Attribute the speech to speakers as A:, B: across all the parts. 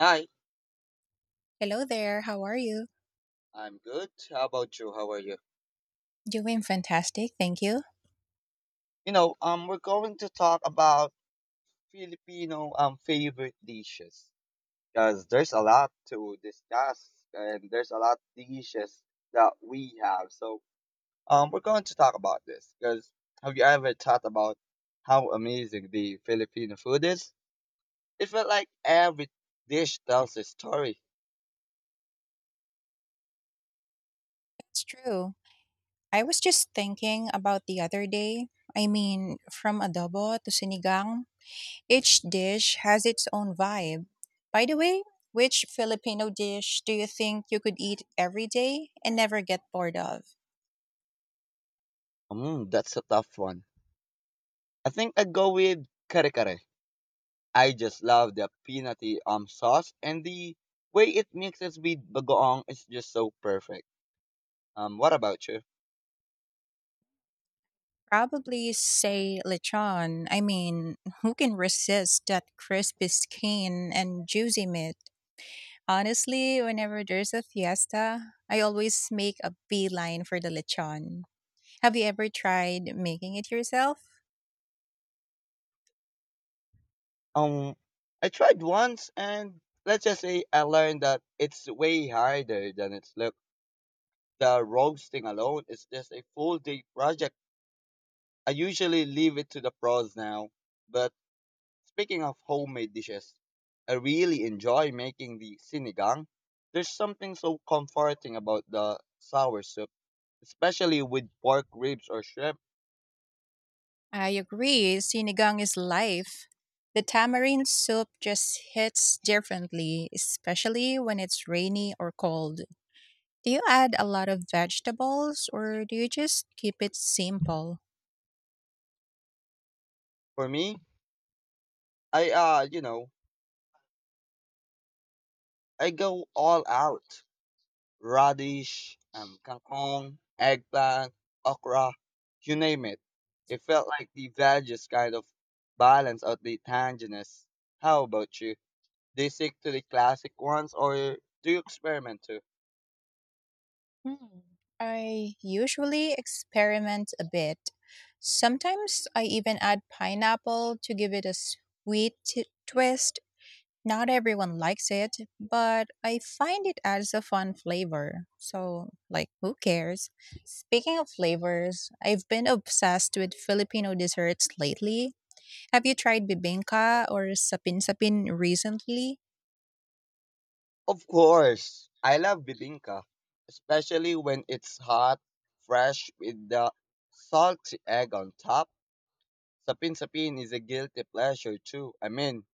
A: Hi,
B: Hello there, how are you?
A: I'm good. How about you? How are you?
B: Doing fantastic, thank you.
A: We're going to talk about Filipino favorite dishes because there's a lot to discuss and there's a lot of dishes that we have. So, we're going to talk about this because have you ever thought about how amazing the Filipino food is? It felt like every dish tells a story.
B: It's true. I was just thinking about the other day. I mean, from adobo to sinigang, each dish has its own vibe. By the way, which Filipino dish do you think you could eat every day and never get bored of?
A: Mm, that's a tough one. I think I'd go with kare kare. I just love the peanutty sauce and the way it mixes with bagoong is just so perfect. What about you?
B: Probably say lechon. I mean, who can resist that crispy skin and juicy meat? Honestly, whenever there's a fiesta, I always make a beeline for the lechon. Have you ever tried making it yourself?
A: Um, I tried once and let's just say I learned that it's way harder than it's look. The roasting alone is just a full day project. I usually leave it to the pros now. But speaking of homemade dishes, I really enjoy making the sinigang. There's something so comforting about the sour soup especially with pork ribs or shrimp.
B: I agree, sinigang is life. The tamarind soup just hits differently, especially when it's rainy or cold. Do you add a lot of vegetables or do you just keep it simple?
A: For me, I uh, you know, I go all out. Radish, kangkong, eggplant, okra, you name it. It felt like the veggies kind of balance out the tanginess. How about you? Do you stick to the classic ones or do you experiment too?
B: Hmm. I usually experiment a bit. Sometimes I even add pineapple to give it a sweet twist. Not everyone likes it, but I find it adds a fun flavor. So, like, who cares? Speaking of flavors, I've been obsessed with Filipino desserts lately. Have you tried bibingka or sapin sapin recently?
A: Of course, I love bibinka, especially when it's hot, fresh with the salty egg on top. Sapin Sapin is a guilty pleasure too. I mean,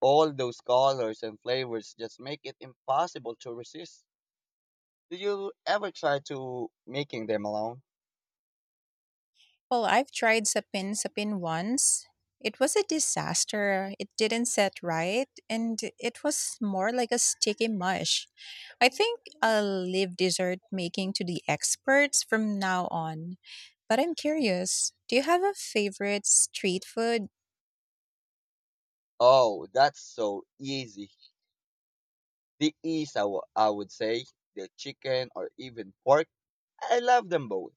A: all those colors and flavors just make it impossible to resist. Did you ever try to making them alone?
B: Well, I've tried sapin sapin once. It was a disaster. It didn't set right, and it was more like a sticky mush. I think I'll leave dessert making to the experts from now on. But I'm curious, do you have a favorite street food?
A: Oh, that's so easy. The ease, I would say, the chicken or even pork. I love them both.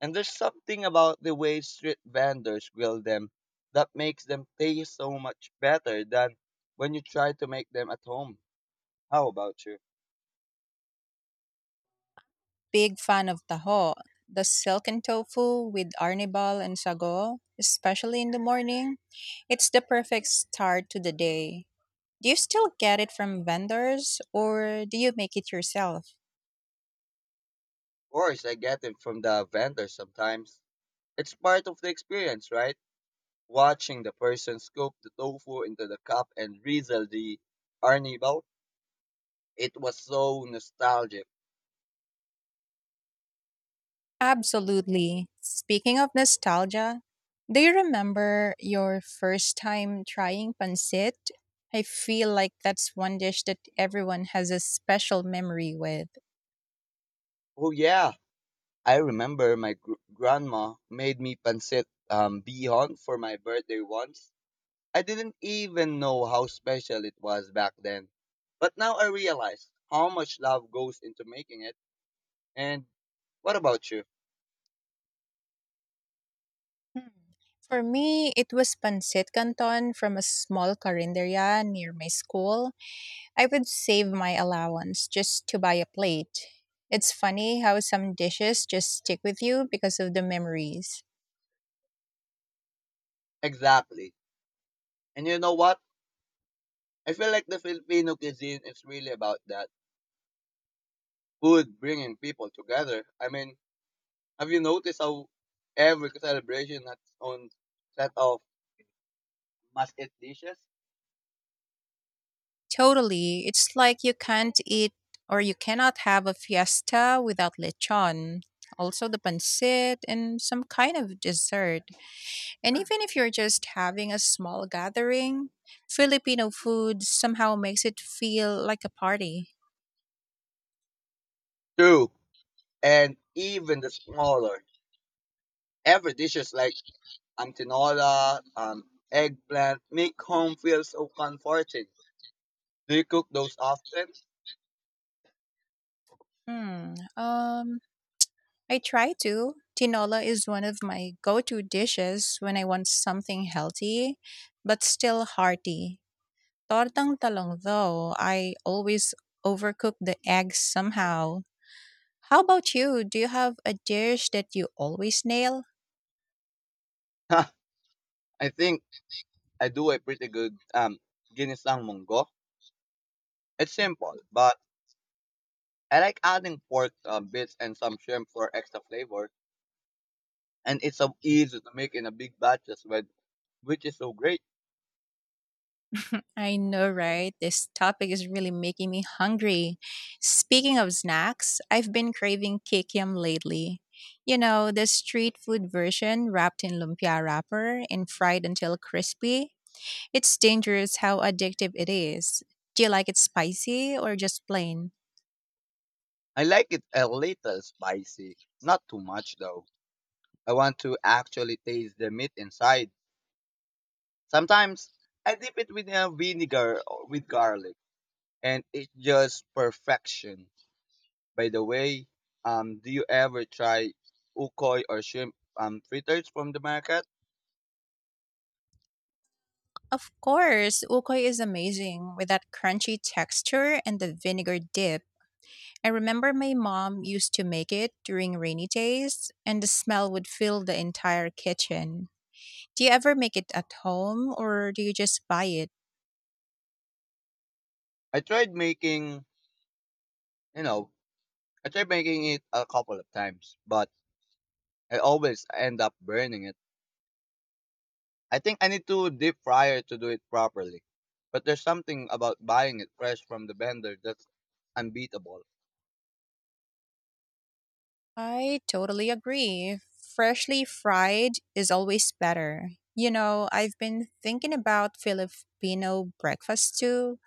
A: And there's something about the way street vendors grill them that makes them taste so much better than when you try to make them at home. How about you?
B: Big fan of taho, the silken tofu with arnibal and sago, especially in the morning. It's the perfect start to the day. Do you still get it from vendors or do you make it yourself?
A: Course, I get it from the vendor sometimes. It's part of the experience, right? Watching the person scoop the tofu into the cup and drizzle the arnibal. It was so nostalgic.
B: Absolutely. Speaking of nostalgia, do you remember your first time trying pancit? I feel like that's one dish that everyone has a special memory with.
A: Oh yeah, I remember my grandma made me pancit bihon for my birthday once. I didn't even know how special it was back then. But now I realize how much love goes into making it. And what about you?
B: Hmm. For me, it was pancit canton from a small carinderia near my school. I would save my allowance just to buy a plate. It's funny how some dishes just stick with you because of the memories.
A: Exactly. And you know what? I feel like the Filipino cuisine is really about that food bringing people together. I mean, have you noticed how every celebration has its own set of must eat dishes?
B: Totally. It's like you can't eat or you cannot have a fiesta without lechon. Also, the pancit and some kind of dessert. And even if you're just having a small gathering, Filipino food somehow makes it feel like a party.
A: True. And even the smaller, every dish is like antinola, eggplant, make home feel so comforting. Do you cook those often?
B: Hmm. I try to. Tinola is one of my go to dishes when I want something healthy but still hearty. Tortang talong, though, I always overcook the eggs somehow. How about you? Do you have a dish that you always nail?
A: I think I do a pretty good ginisang munggo. It's simple, but I like adding pork bits and some shrimp for extra flavor, and it's so easy to make in a big batches, with, which is so great.
B: I know, right? This topic is really making me hungry. Speaking of snacks, I've been craving kikiam lately. You know, the street food version wrapped in lumpia wrapper and fried until crispy. It's dangerous how addictive it is. Do you like it spicy or just plain?
A: I like it a little spicy, not too much though. I want to actually taste the meat inside. Sometimes I dip it with vinegar or with garlic, and it's just perfection. By the way, do you ever try ukoi or shrimp fritters from the market?
B: Of course, ukoy is amazing with that crunchy texture and the vinegar dip. I remember my mom used to make it during rainy days, and the smell would fill the entire kitchen. Do you ever make it at home or do you just buy it?
A: I tried making, you know, I tried making it a couple of times, but I always end up burning it. I think I need to deep fryer to do it properly. But there's something about buying it fresh from the vendor that's unbeatable.
B: I totally agree. Freshly fried is always better. You know, I've been thinking about Filipino breakfast too,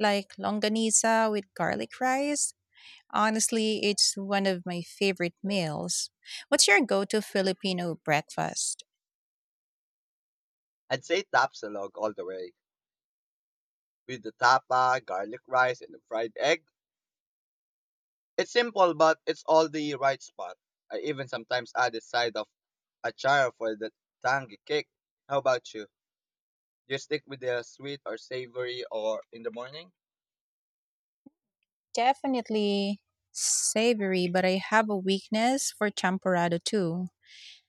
B: like longaniza with garlic rice. Honestly, it's one of my favorite meals. What's your go to Filipino breakfast?
A: I'd say Tapsilog all the way, with the tapa, garlic rice, and the fried egg. It's simple, but it's all the right spot. I even sometimes add a side of achar for the tangy kick. How about you? Do you stick with the sweet or savory or in the morning?
B: Definitely savory, but I have a weakness for champorado too.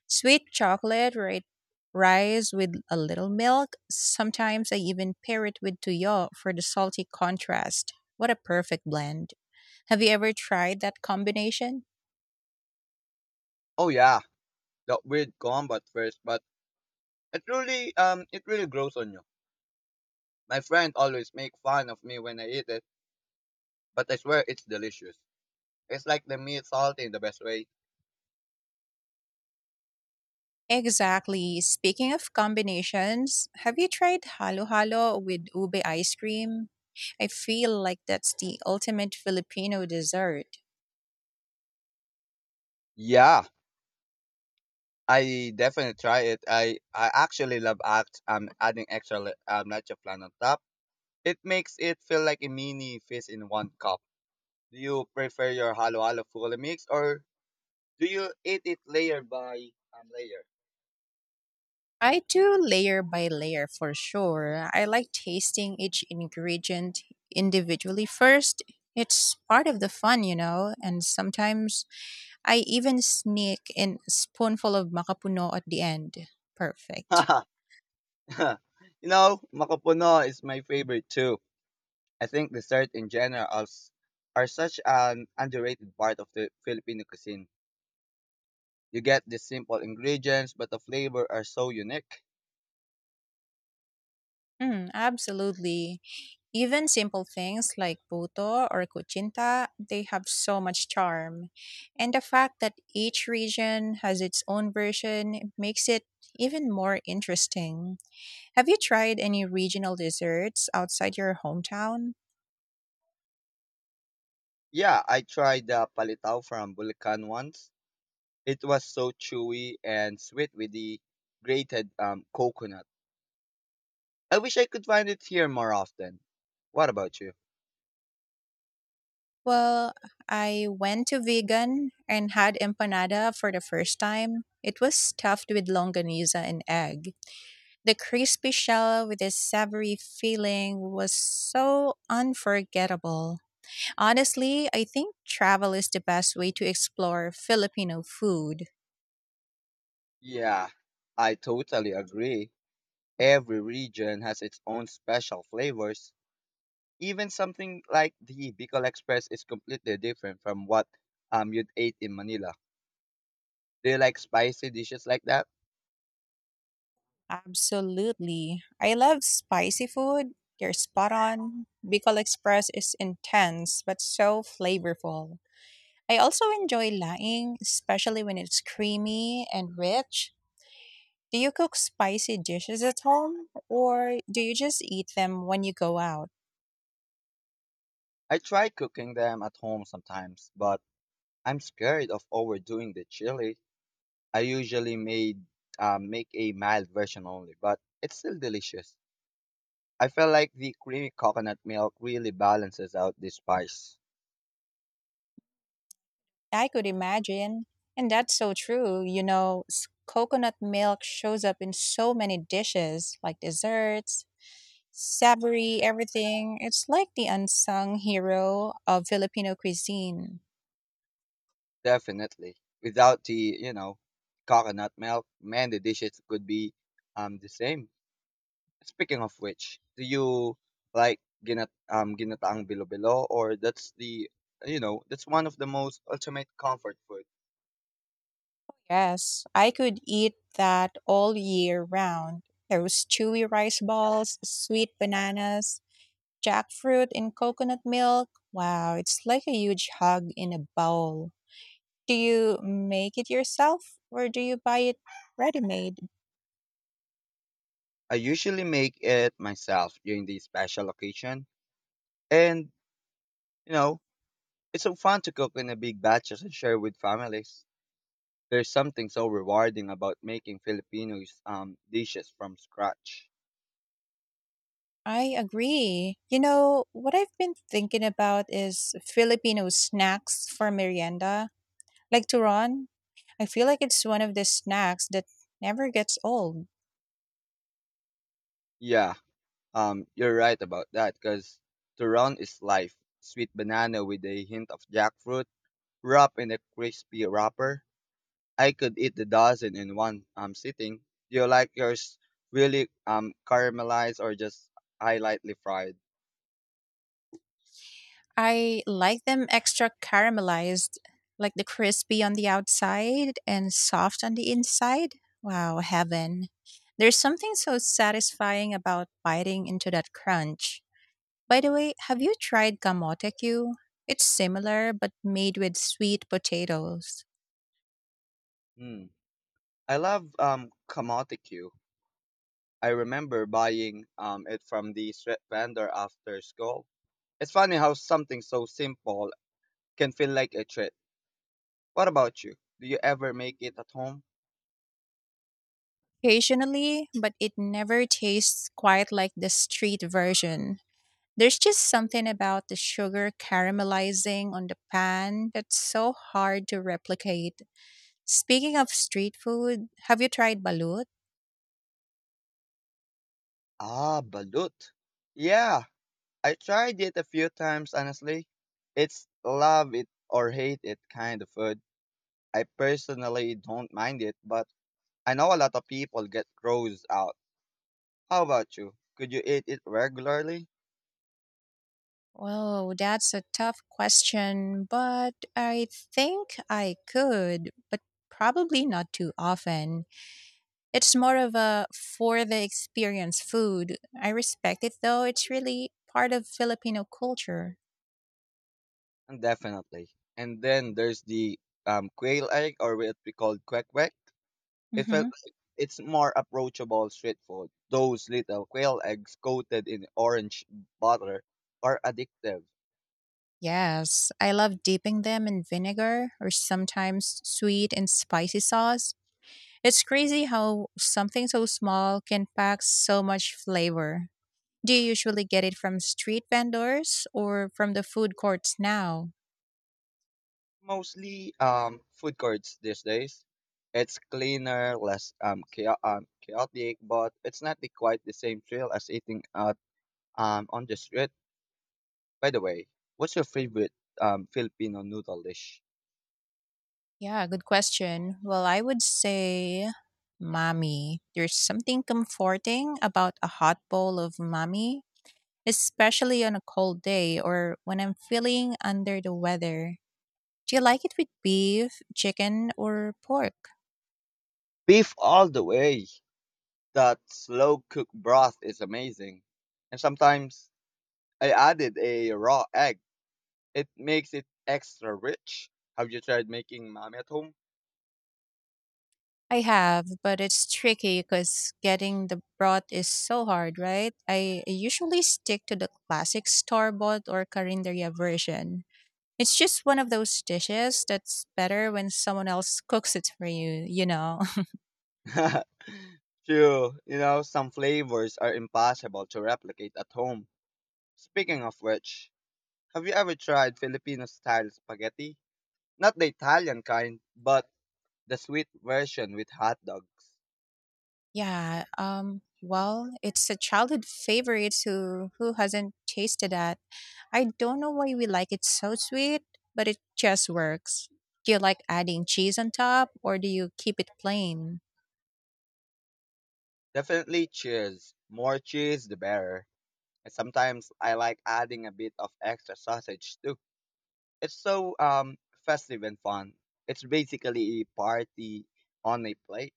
B: Sweet chocolate, right? Rice with a little milk. Sometimes I even pair it with tuyo for the salty contrast. What a perfect blend. Have you ever tried that combination?
A: Oh yeah, the weird combat first, but it really grows on you. My friend always make fun of me when I eat it, but I swear it's delicious. It's like the meat salty in the best way.
B: Exactly. Speaking of combinations, have you tried halo halo with ube ice cream? I feel like that's the ultimate Filipino dessert.
A: Yeah, I definitely try it. I actually love act adding extra nacho flan on top. It makes it feel like a mini feast in one cup. Do you prefer your halo halo fully mix or do you eat it layer by layer?
B: I do layer by layer for sure. I like tasting each ingredient individually first. It's part of the fun, you know, and sometimes I even sneak in a spoonful of macapuno at the end. Perfect.
A: You know, makapuno is my favorite too. I think desserts in general are such an underrated part of the Filipino cuisine. You get the simple ingredients, but the flavor are so unique.
B: Absolutely. Even simple things like puto or kuchinta, they have so much charm. And the fact that each region has its own version makes it even more interesting. Have you tried any regional desserts outside your hometown?
A: Yeah, I tried the palitaw from Bulacan once. It was so chewy and sweet with the grated coconut. I wish I could find it here more often. What about you?
B: Well, I went to vegan and had empanada for the first time. It was stuffed with longaniza and egg. The crispy shell with a savory filling was so unforgettable. Honestly, I think travel is the best way to explore Filipino food.
A: Yeah, I totally agree. Every region has its own special flavors. Even something like the Bicol Express is completely different from what you'd ate in Manila. Do you like spicy dishes like that?
B: Absolutely. I love spicy food. They're spot on. Bicol Express is intense but so flavorful. I also enjoy laing, especially when it's creamy and rich. Do you cook spicy dishes at home or do you just eat them when you go out?
A: I try cooking them at home sometimes, but I'm scared of overdoing the chili. I usually made make a mild version only, but it's still delicious. I feel like the creamy coconut milk really balances out the spice.
B: I could imagine. And that's so true. You know, coconut milk shows up in so many dishes like desserts, savory, everything. It's like the unsung hero of Filipino cuisine.
A: Definitely. Without the, you know, coconut milk, man, the dishes could be the same. Speaking of which, do you like ginataang bilo-bilo or that's the you know, that's one of the most ultimate comfort food.
B: Yes, I could eat that all year round. Those chewy rice balls, sweet bananas, jackfruit in coconut milk. Wow, it's like a huge hug in a bowl. Do you make it yourself or do you buy it ready made?
A: I usually make it myself during the special occasion and you know, it's so fun to cook in a big batches and share with families. There's something so rewarding about making Filipinos dishes from scratch.
B: I agree. You know, what I've been thinking about is Filipino snacks for merienda. Like turon, I feel like it's one of the snacks that never gets old.
A: Yeah, you're right about that cuz turon is life. Sweet banana with a hint of jackfruit wrapped in a crispy wrapper. I could eat the dozen in one sitting. Do you like yours really caramelized or just I lightly fried?
B: I like them extra caramelized, like the crispy on the outside and soft on the inside. Wow, heaven. There's something so satisfying about biting into that crunch. By the way, have you tried kamote Q? It's similar but made with sweet potatoes.
A: Hmm. I love kamote Q. I remember buying it from the street vendor after school. It's funny how something so simple can feel like a treat. What about you? Do you ever make it at home?
B: Occasionally, but it never tastes quite like the street version. There's just something about the sugar caramelizing on the pan that's so hard to replicate. Speaking of street food, have you tried balut?
A: Ah, balut. Yeah, I tried it a few times, honestly. It's love it or hate it kind of food. I personally don't mind it, but I know a lot of people get grossed out. How about you? Could you eat it regularly?
B: Oh, that's a tough question, but I think I could, but probably not too often. It's more of a for the experience food. I respect it though, it's really part of Filipino culture.
A: Definitely. And then there's the quail egg, or what we call quack quack. It felt
B: Hmm.
A: like it's more approachable street food. Those little quail eggs coated in orange butter are addictive.
B: Yes, I love dipping them in vinegar or sometimes sweet and spicy sauce. It's crazy how something so small can pack so much flavor. Do you usually get it from street vendors or from the food courts now?
A: Mostly food courts these days. It's cleaner, less chaotic, but it's not the, quite the same thrill as eating out on the street. By the way, what's your favorite Filipino noodle dish?
B: Yeah, good question. Well, I would say mommy. There's something comforting about a hot bowl of mommy, especially on a cold day or when I'm feeling under the weather. Do you like it with beef, chicken, or pork?
A: Beef all the way. That slow cooked broth is amazing, and sometimes I added a raw egg. It makes it extra rich. Have you tried making mami at home?
B: I have, but it's tricky because getting the broth is so hard, right? I usually stick to the classic store bought or carinderia version. It's just one of those dishes that's better when someone else cooks it for you, you know?
A: True, you know, some flavors are impossible to replicate at home. Speaking of which, have you ever tried Filipino style spaghetti? Not the Italian kind, but the sweet version with hot dogs.
B: Yeah, well, it's a childhood favorite. Who hasn't tasted that? I don't know why we like it so sweet, but it just works. Do you like adding cheese on top or do you keep it plain?
A: Definitely cheese. More cheese, the better. And sometimes I like adding a bit of extra sausage too. It's so festive and fun. It's basically a party on a plate.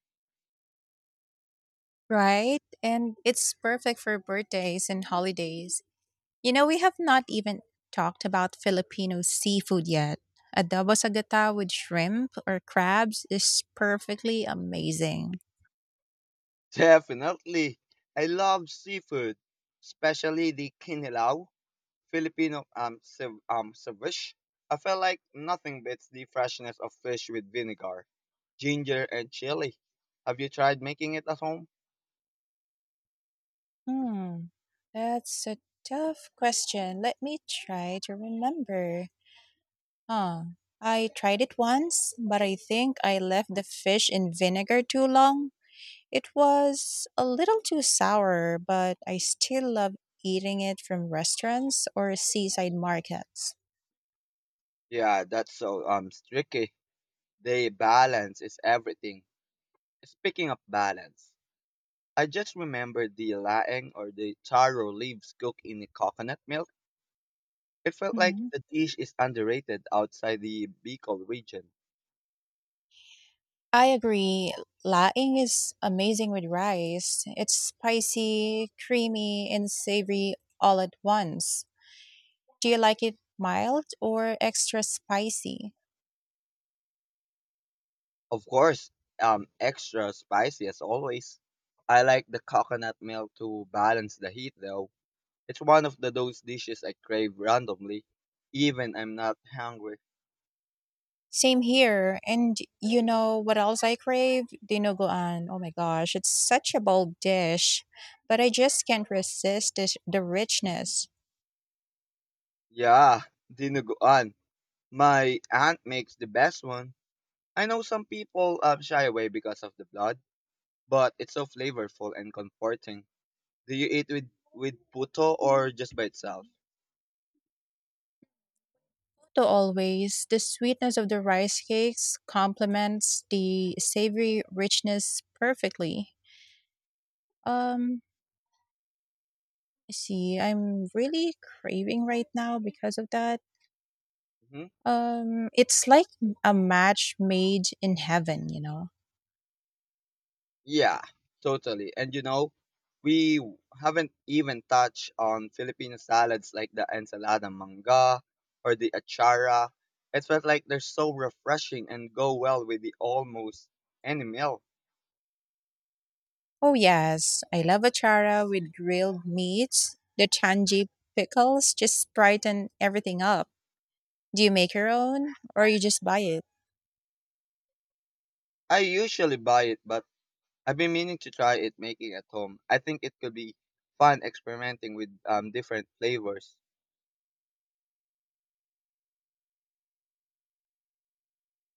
B: Right? And it's perfect for birthdays and holidays. You know, we have not even talked about Filipino seafood yet. Adobo sa gata with shrimp or crabs is perfectly amazing.
A: Definitely. I love seafood, especially the kinilaw, Filipino ceviche. I feel like nothing beats the freshness of fish with vinegar, ginger, and chili. Have you tried making it at home?
B: Hmm. That's a tough question. Let me try to remember. Huh. I tried it once, but I think I left the fish in vinegar too long. It was a little too sour, but I still love eating it from restaurants or seaside markets.
A: Yeah, that's so tricky. The balance is everything. Speaking of balance, I just remembered the laing or the taro leaves cooked in the coconut milk. It felt like
B: Mhm.
A: the dish is underrated outside the Bicol region.
B: I agree. Laing is amazing with rice. It's spicy, creamy, and savory all at once. Do you like it mild or extra spicy?
A: Of course, extra spicy as always. I like the coconut milk to balance the heat though. It's one of the those dishes I crave randomly, even I'm not hungry.
B: Same here. And you know what else I crave? Dinuguan. Oh my gosh, it's such a bold dish, but I just can't resist this, the richness.
A: Yeah, dinuguan. My aunt makes the best one. I know some people shy away because of the blood, but it's so flavorful and comforting. Do you eat with puto or just by itself?
B: To always, the sweetness of the rice cakes complements the savory richness perfectly. Um, let's see, I'm really craving right now because of that.
A: Mhm.
B: It's like a match made in heaven, you know.
A: Yeah, totally. And you know, haven't even touched on Filipino salads like the ensalada manga or the achara. It felt like they're so refreshing and go well with the almost any meal.
B: Oh, yes. I love achara with grilled meats. The tangy pickles just brighten everything up. Do you make your own or you just buy it?
A: I usually buy it, but I've been meaning to try it making at home. I think it could be fun experimenting with different flavors.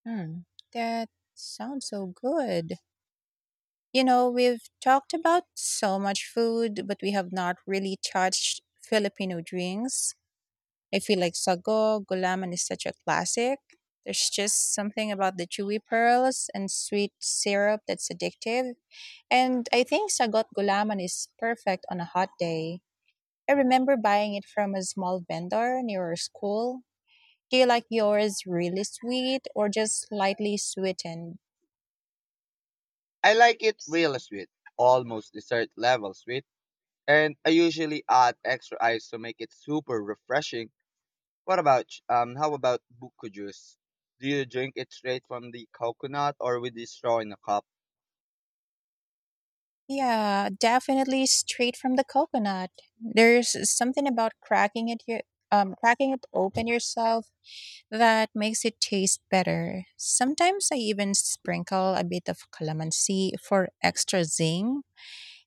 B: Hmm. That sounds so good. You know, we've talked about so much food, but we have not really touched Filipino drinks. I feel like Sago Gulaman is such a classic. There's just something about the chewy pearls and sweet syrup that's addictive. And I think Sagot Gulaman is perfect on a hot day. I remember buying it from a small vendor near our school. Do you like yours really sweet or just lightly sweetened?
A: I like it real sweet, almost dessert level sweet, and I usually add extra ice to make it super refreshing. How about buko juice? Do you drink it straight from the coconut or with the straw in a cup?
B: Yeah, definitely straight from the coconut. There's something about cracking it, cracking it open yourself. That makes it taste better. Sometimes I even sprinkle a bit of calamansi for extra zing.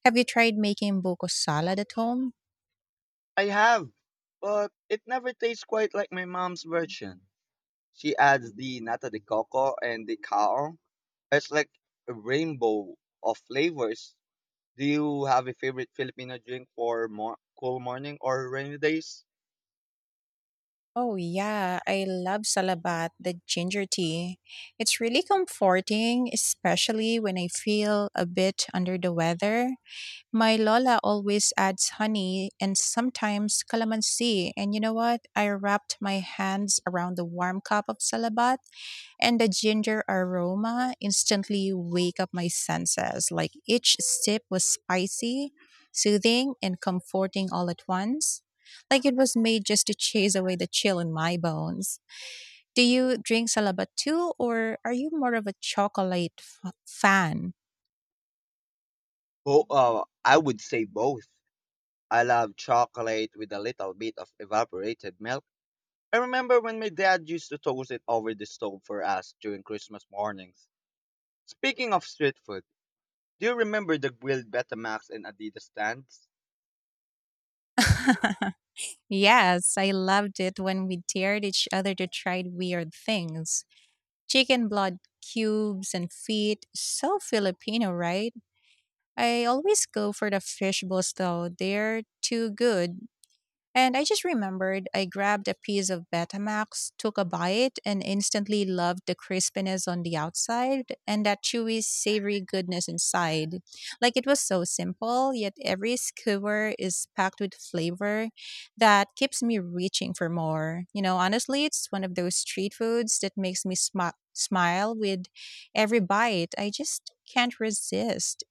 B: Have you tried making buko salad at home?
A: I have, but it never tastes quite like my mom's version. She adds the nata de coco and the kaong. It's like a rainbow of flavors. Do you have a favorite Filipino drink for more cool morning or rainy days?
B: Oh yeah, I love salabat, the ginger tea. It's really comforting, especially when I feel a bit under the weather. My lola always adds honey and sometimes calamansi, and you know what? I wrapped my hands around the warm cup of salabat and the ginger aroma instantly wake up my senses. Like each sip was spicy, soothing, and comforting all at once. Like it was made just to chase away the chill in my bones. Do you drink salaba too, or are you more of a chocolate fan?
A: Oh, I would say both. I love chocolate with a little bit of evaporated milk. I remember when my dad used to toast it over the stove for us during Christmas mornings. Speaking of street food, do you remember the grilled Betamax and Adidas stands?
B: Yes, I loved it when we dared each other to try weird things. Chicken blood cubes and feet, so Filipino, right? I always go for the fish balls though. They're too good. And I just remembered I grabbed a piece of Betamax, took a bite, and instantly loved the crispiness on the outside and that chewy, savory goodness inside. Like it was so simple, yet every skewer is packed with flavor that keeps me reaching for more. You know, honestly, it's one of those street foods that makes me smile with every bite. I just can't resist.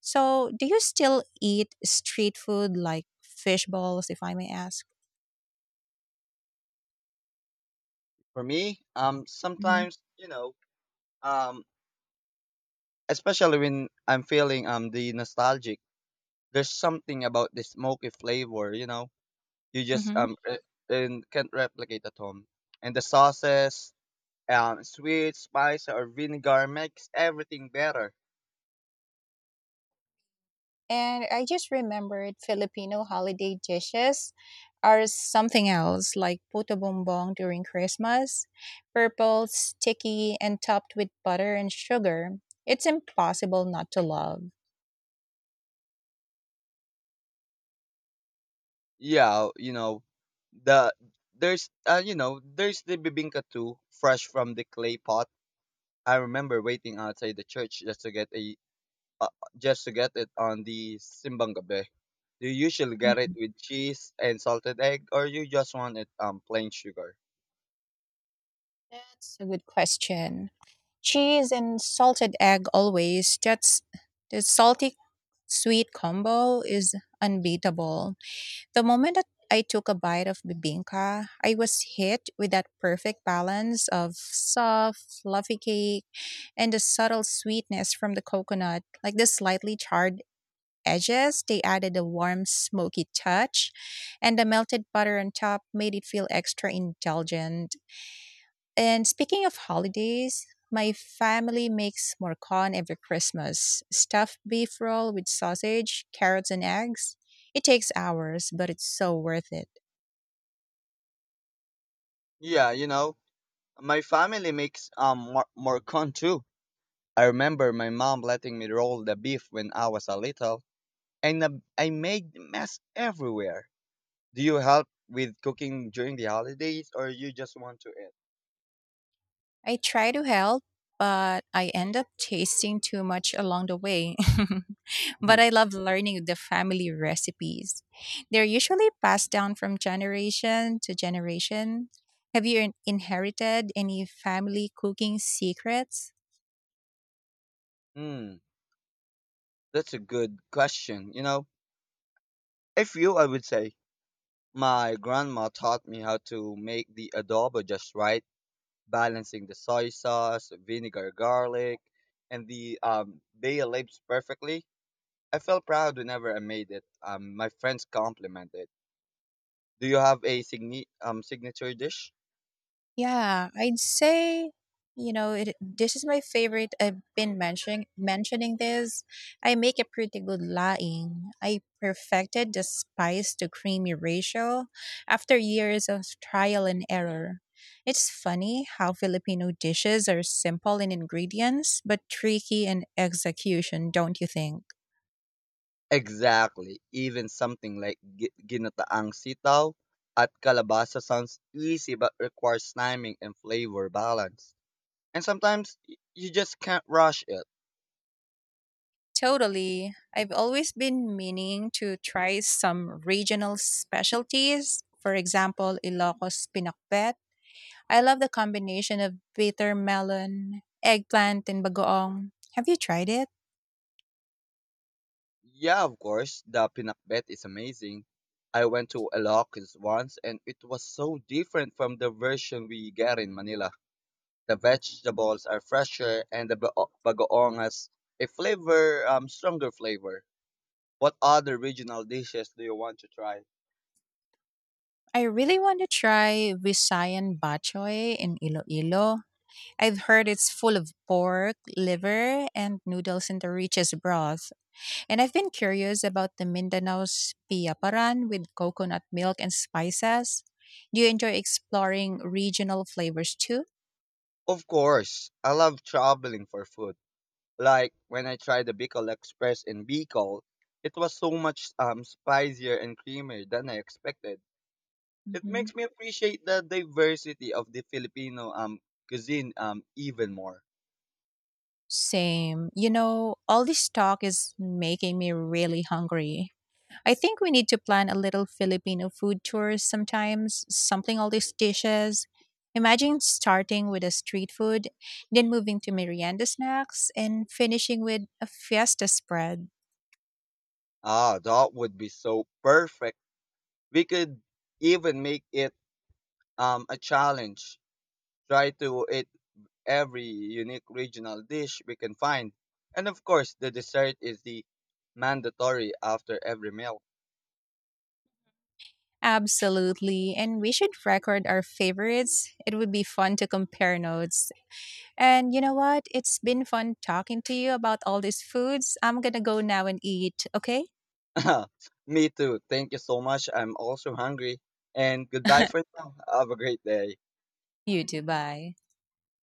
B: So, do you still eat street food like fish balls, if I may ask?
A: For me,
B: Hmm.
A: sometimes you know, um, especially when I'm feeling the nostalgic, there's something about the smoky flavor, you know, you just
B: Mm-hmm.
A: um re- and can't replicate at home. And the sauces, sweet, spice, or vinegar makes everything better.
B: And I just remembered Filipino holiday dishes are something else, like puto bumbong during Christmas, purple, sticky, and topped with butter and sugar. It's impossible not to love.
A: Yeah, you know, the there's the bibingka too, fresh from the clay pot. I remember waiting outside the church uh, just to get it on the simbang gabi. Do you usually get it
B: Hmm.
A: with cheese and salted egg, or you just want it plain sugar?
B: That's a good question. Cheese and salted egg always. That's, the salty sweet combo is unbeatable. The moment that I took a bite of bibinka, I was hit with that perfect balance of soft, fluffy cake and the subtle sweetness from the coconut, like the slightly charred edges. They added a warm, smoky touch, and the melted butter on top made it feel extra indulgent. And speaking of holidays, my family makes morcon every Christmas, stuffed beef roll with sausage, carrots, and eggs. It takes hours, but it's so worth it.
A: Yeah, you know, my family makes morcon too. I remember my mom letting me roll the beef when I was a little, and I made mess everywhere. Do you help with cooking during the holidays or you just want to eat?
B: I try to help, but I end up tasting too much along the way.
A: Mhm.
B: But I love learning the family recipes. They're usually passed down from generation to generation. Have you inherited any family cooking secrets?
A: Hmm, that's a good question. You know, if you, I would say my grandma taught me how to make the adobo just right, balancing the soy sauce, vinegar, garlic, and the bay leaves perfectly. I felt proud whenever I made it. My friends complimented. Do you have a signature dish?
B: Yeah, I'd say, you know, it, this is my favorite. I've been mentioning this. I make a pretty good laing. I perfected the spice to creamy ratio after years of trial and error. It's funny how Filipino dishes are simple in ingredients but tricky in execution, don't you think?
A: Exactly. Even something like ginataang sitaw at kalabasa sounds easy but requires timing and flavor balance. And sometimes you just can't rush it.
B: Totally. I've always been meaning to try some regional specialties. For example, Ilocos pinakbet. I love the combination of bitter melon, eggplant, and bagoong. Have you tried it?
A: Yeah, of course, the pinakbet is amazing. I went to Ilocos once and it was so different from the version we get in Manila. The vegetables are fresher and the bagoong has a stronger flavor. What other regional dishes do you want to try?
B: I really want to try Visayan bachoy in Iloilo. I've heard it's full of pork, liver, and noodles in the richest broth. And I've been curious about the Mindanao's piaparan with coconut milk and spices. Do you enjoy exploring regional flavors too?
A: Of course, I love traveling for food. Like when I tried the Bicol Express in Bicol, it was so much spicier and creamier than I expected. It
B: Mhm.
A: makes me appreciate the diversity of the Filipino cuisine even more.
B: Same. You know, all this talk is making me really hungry. I think we need to plan a little Filipino food tour sometimes, sampling all these dishes. Imagine starting with a street food, then moving to merienda snacks, and finishing with a fiesta spread.
A: Ah, that would be so perfect. We could even make it a challenge. Try to eat every unique regional dish we can find. And of course, the dessert is the mandatory after every meal.
B: Absolutely. And we should record our favorites. It would be fun to compare notes. And you know what? It's been fun talking to you about all these foods. I'm going to go now and eat, okay?
A: Me too. Thank you so much. I'm also hungry. And goodbye for now. Have a great day.
B: You too. Bye.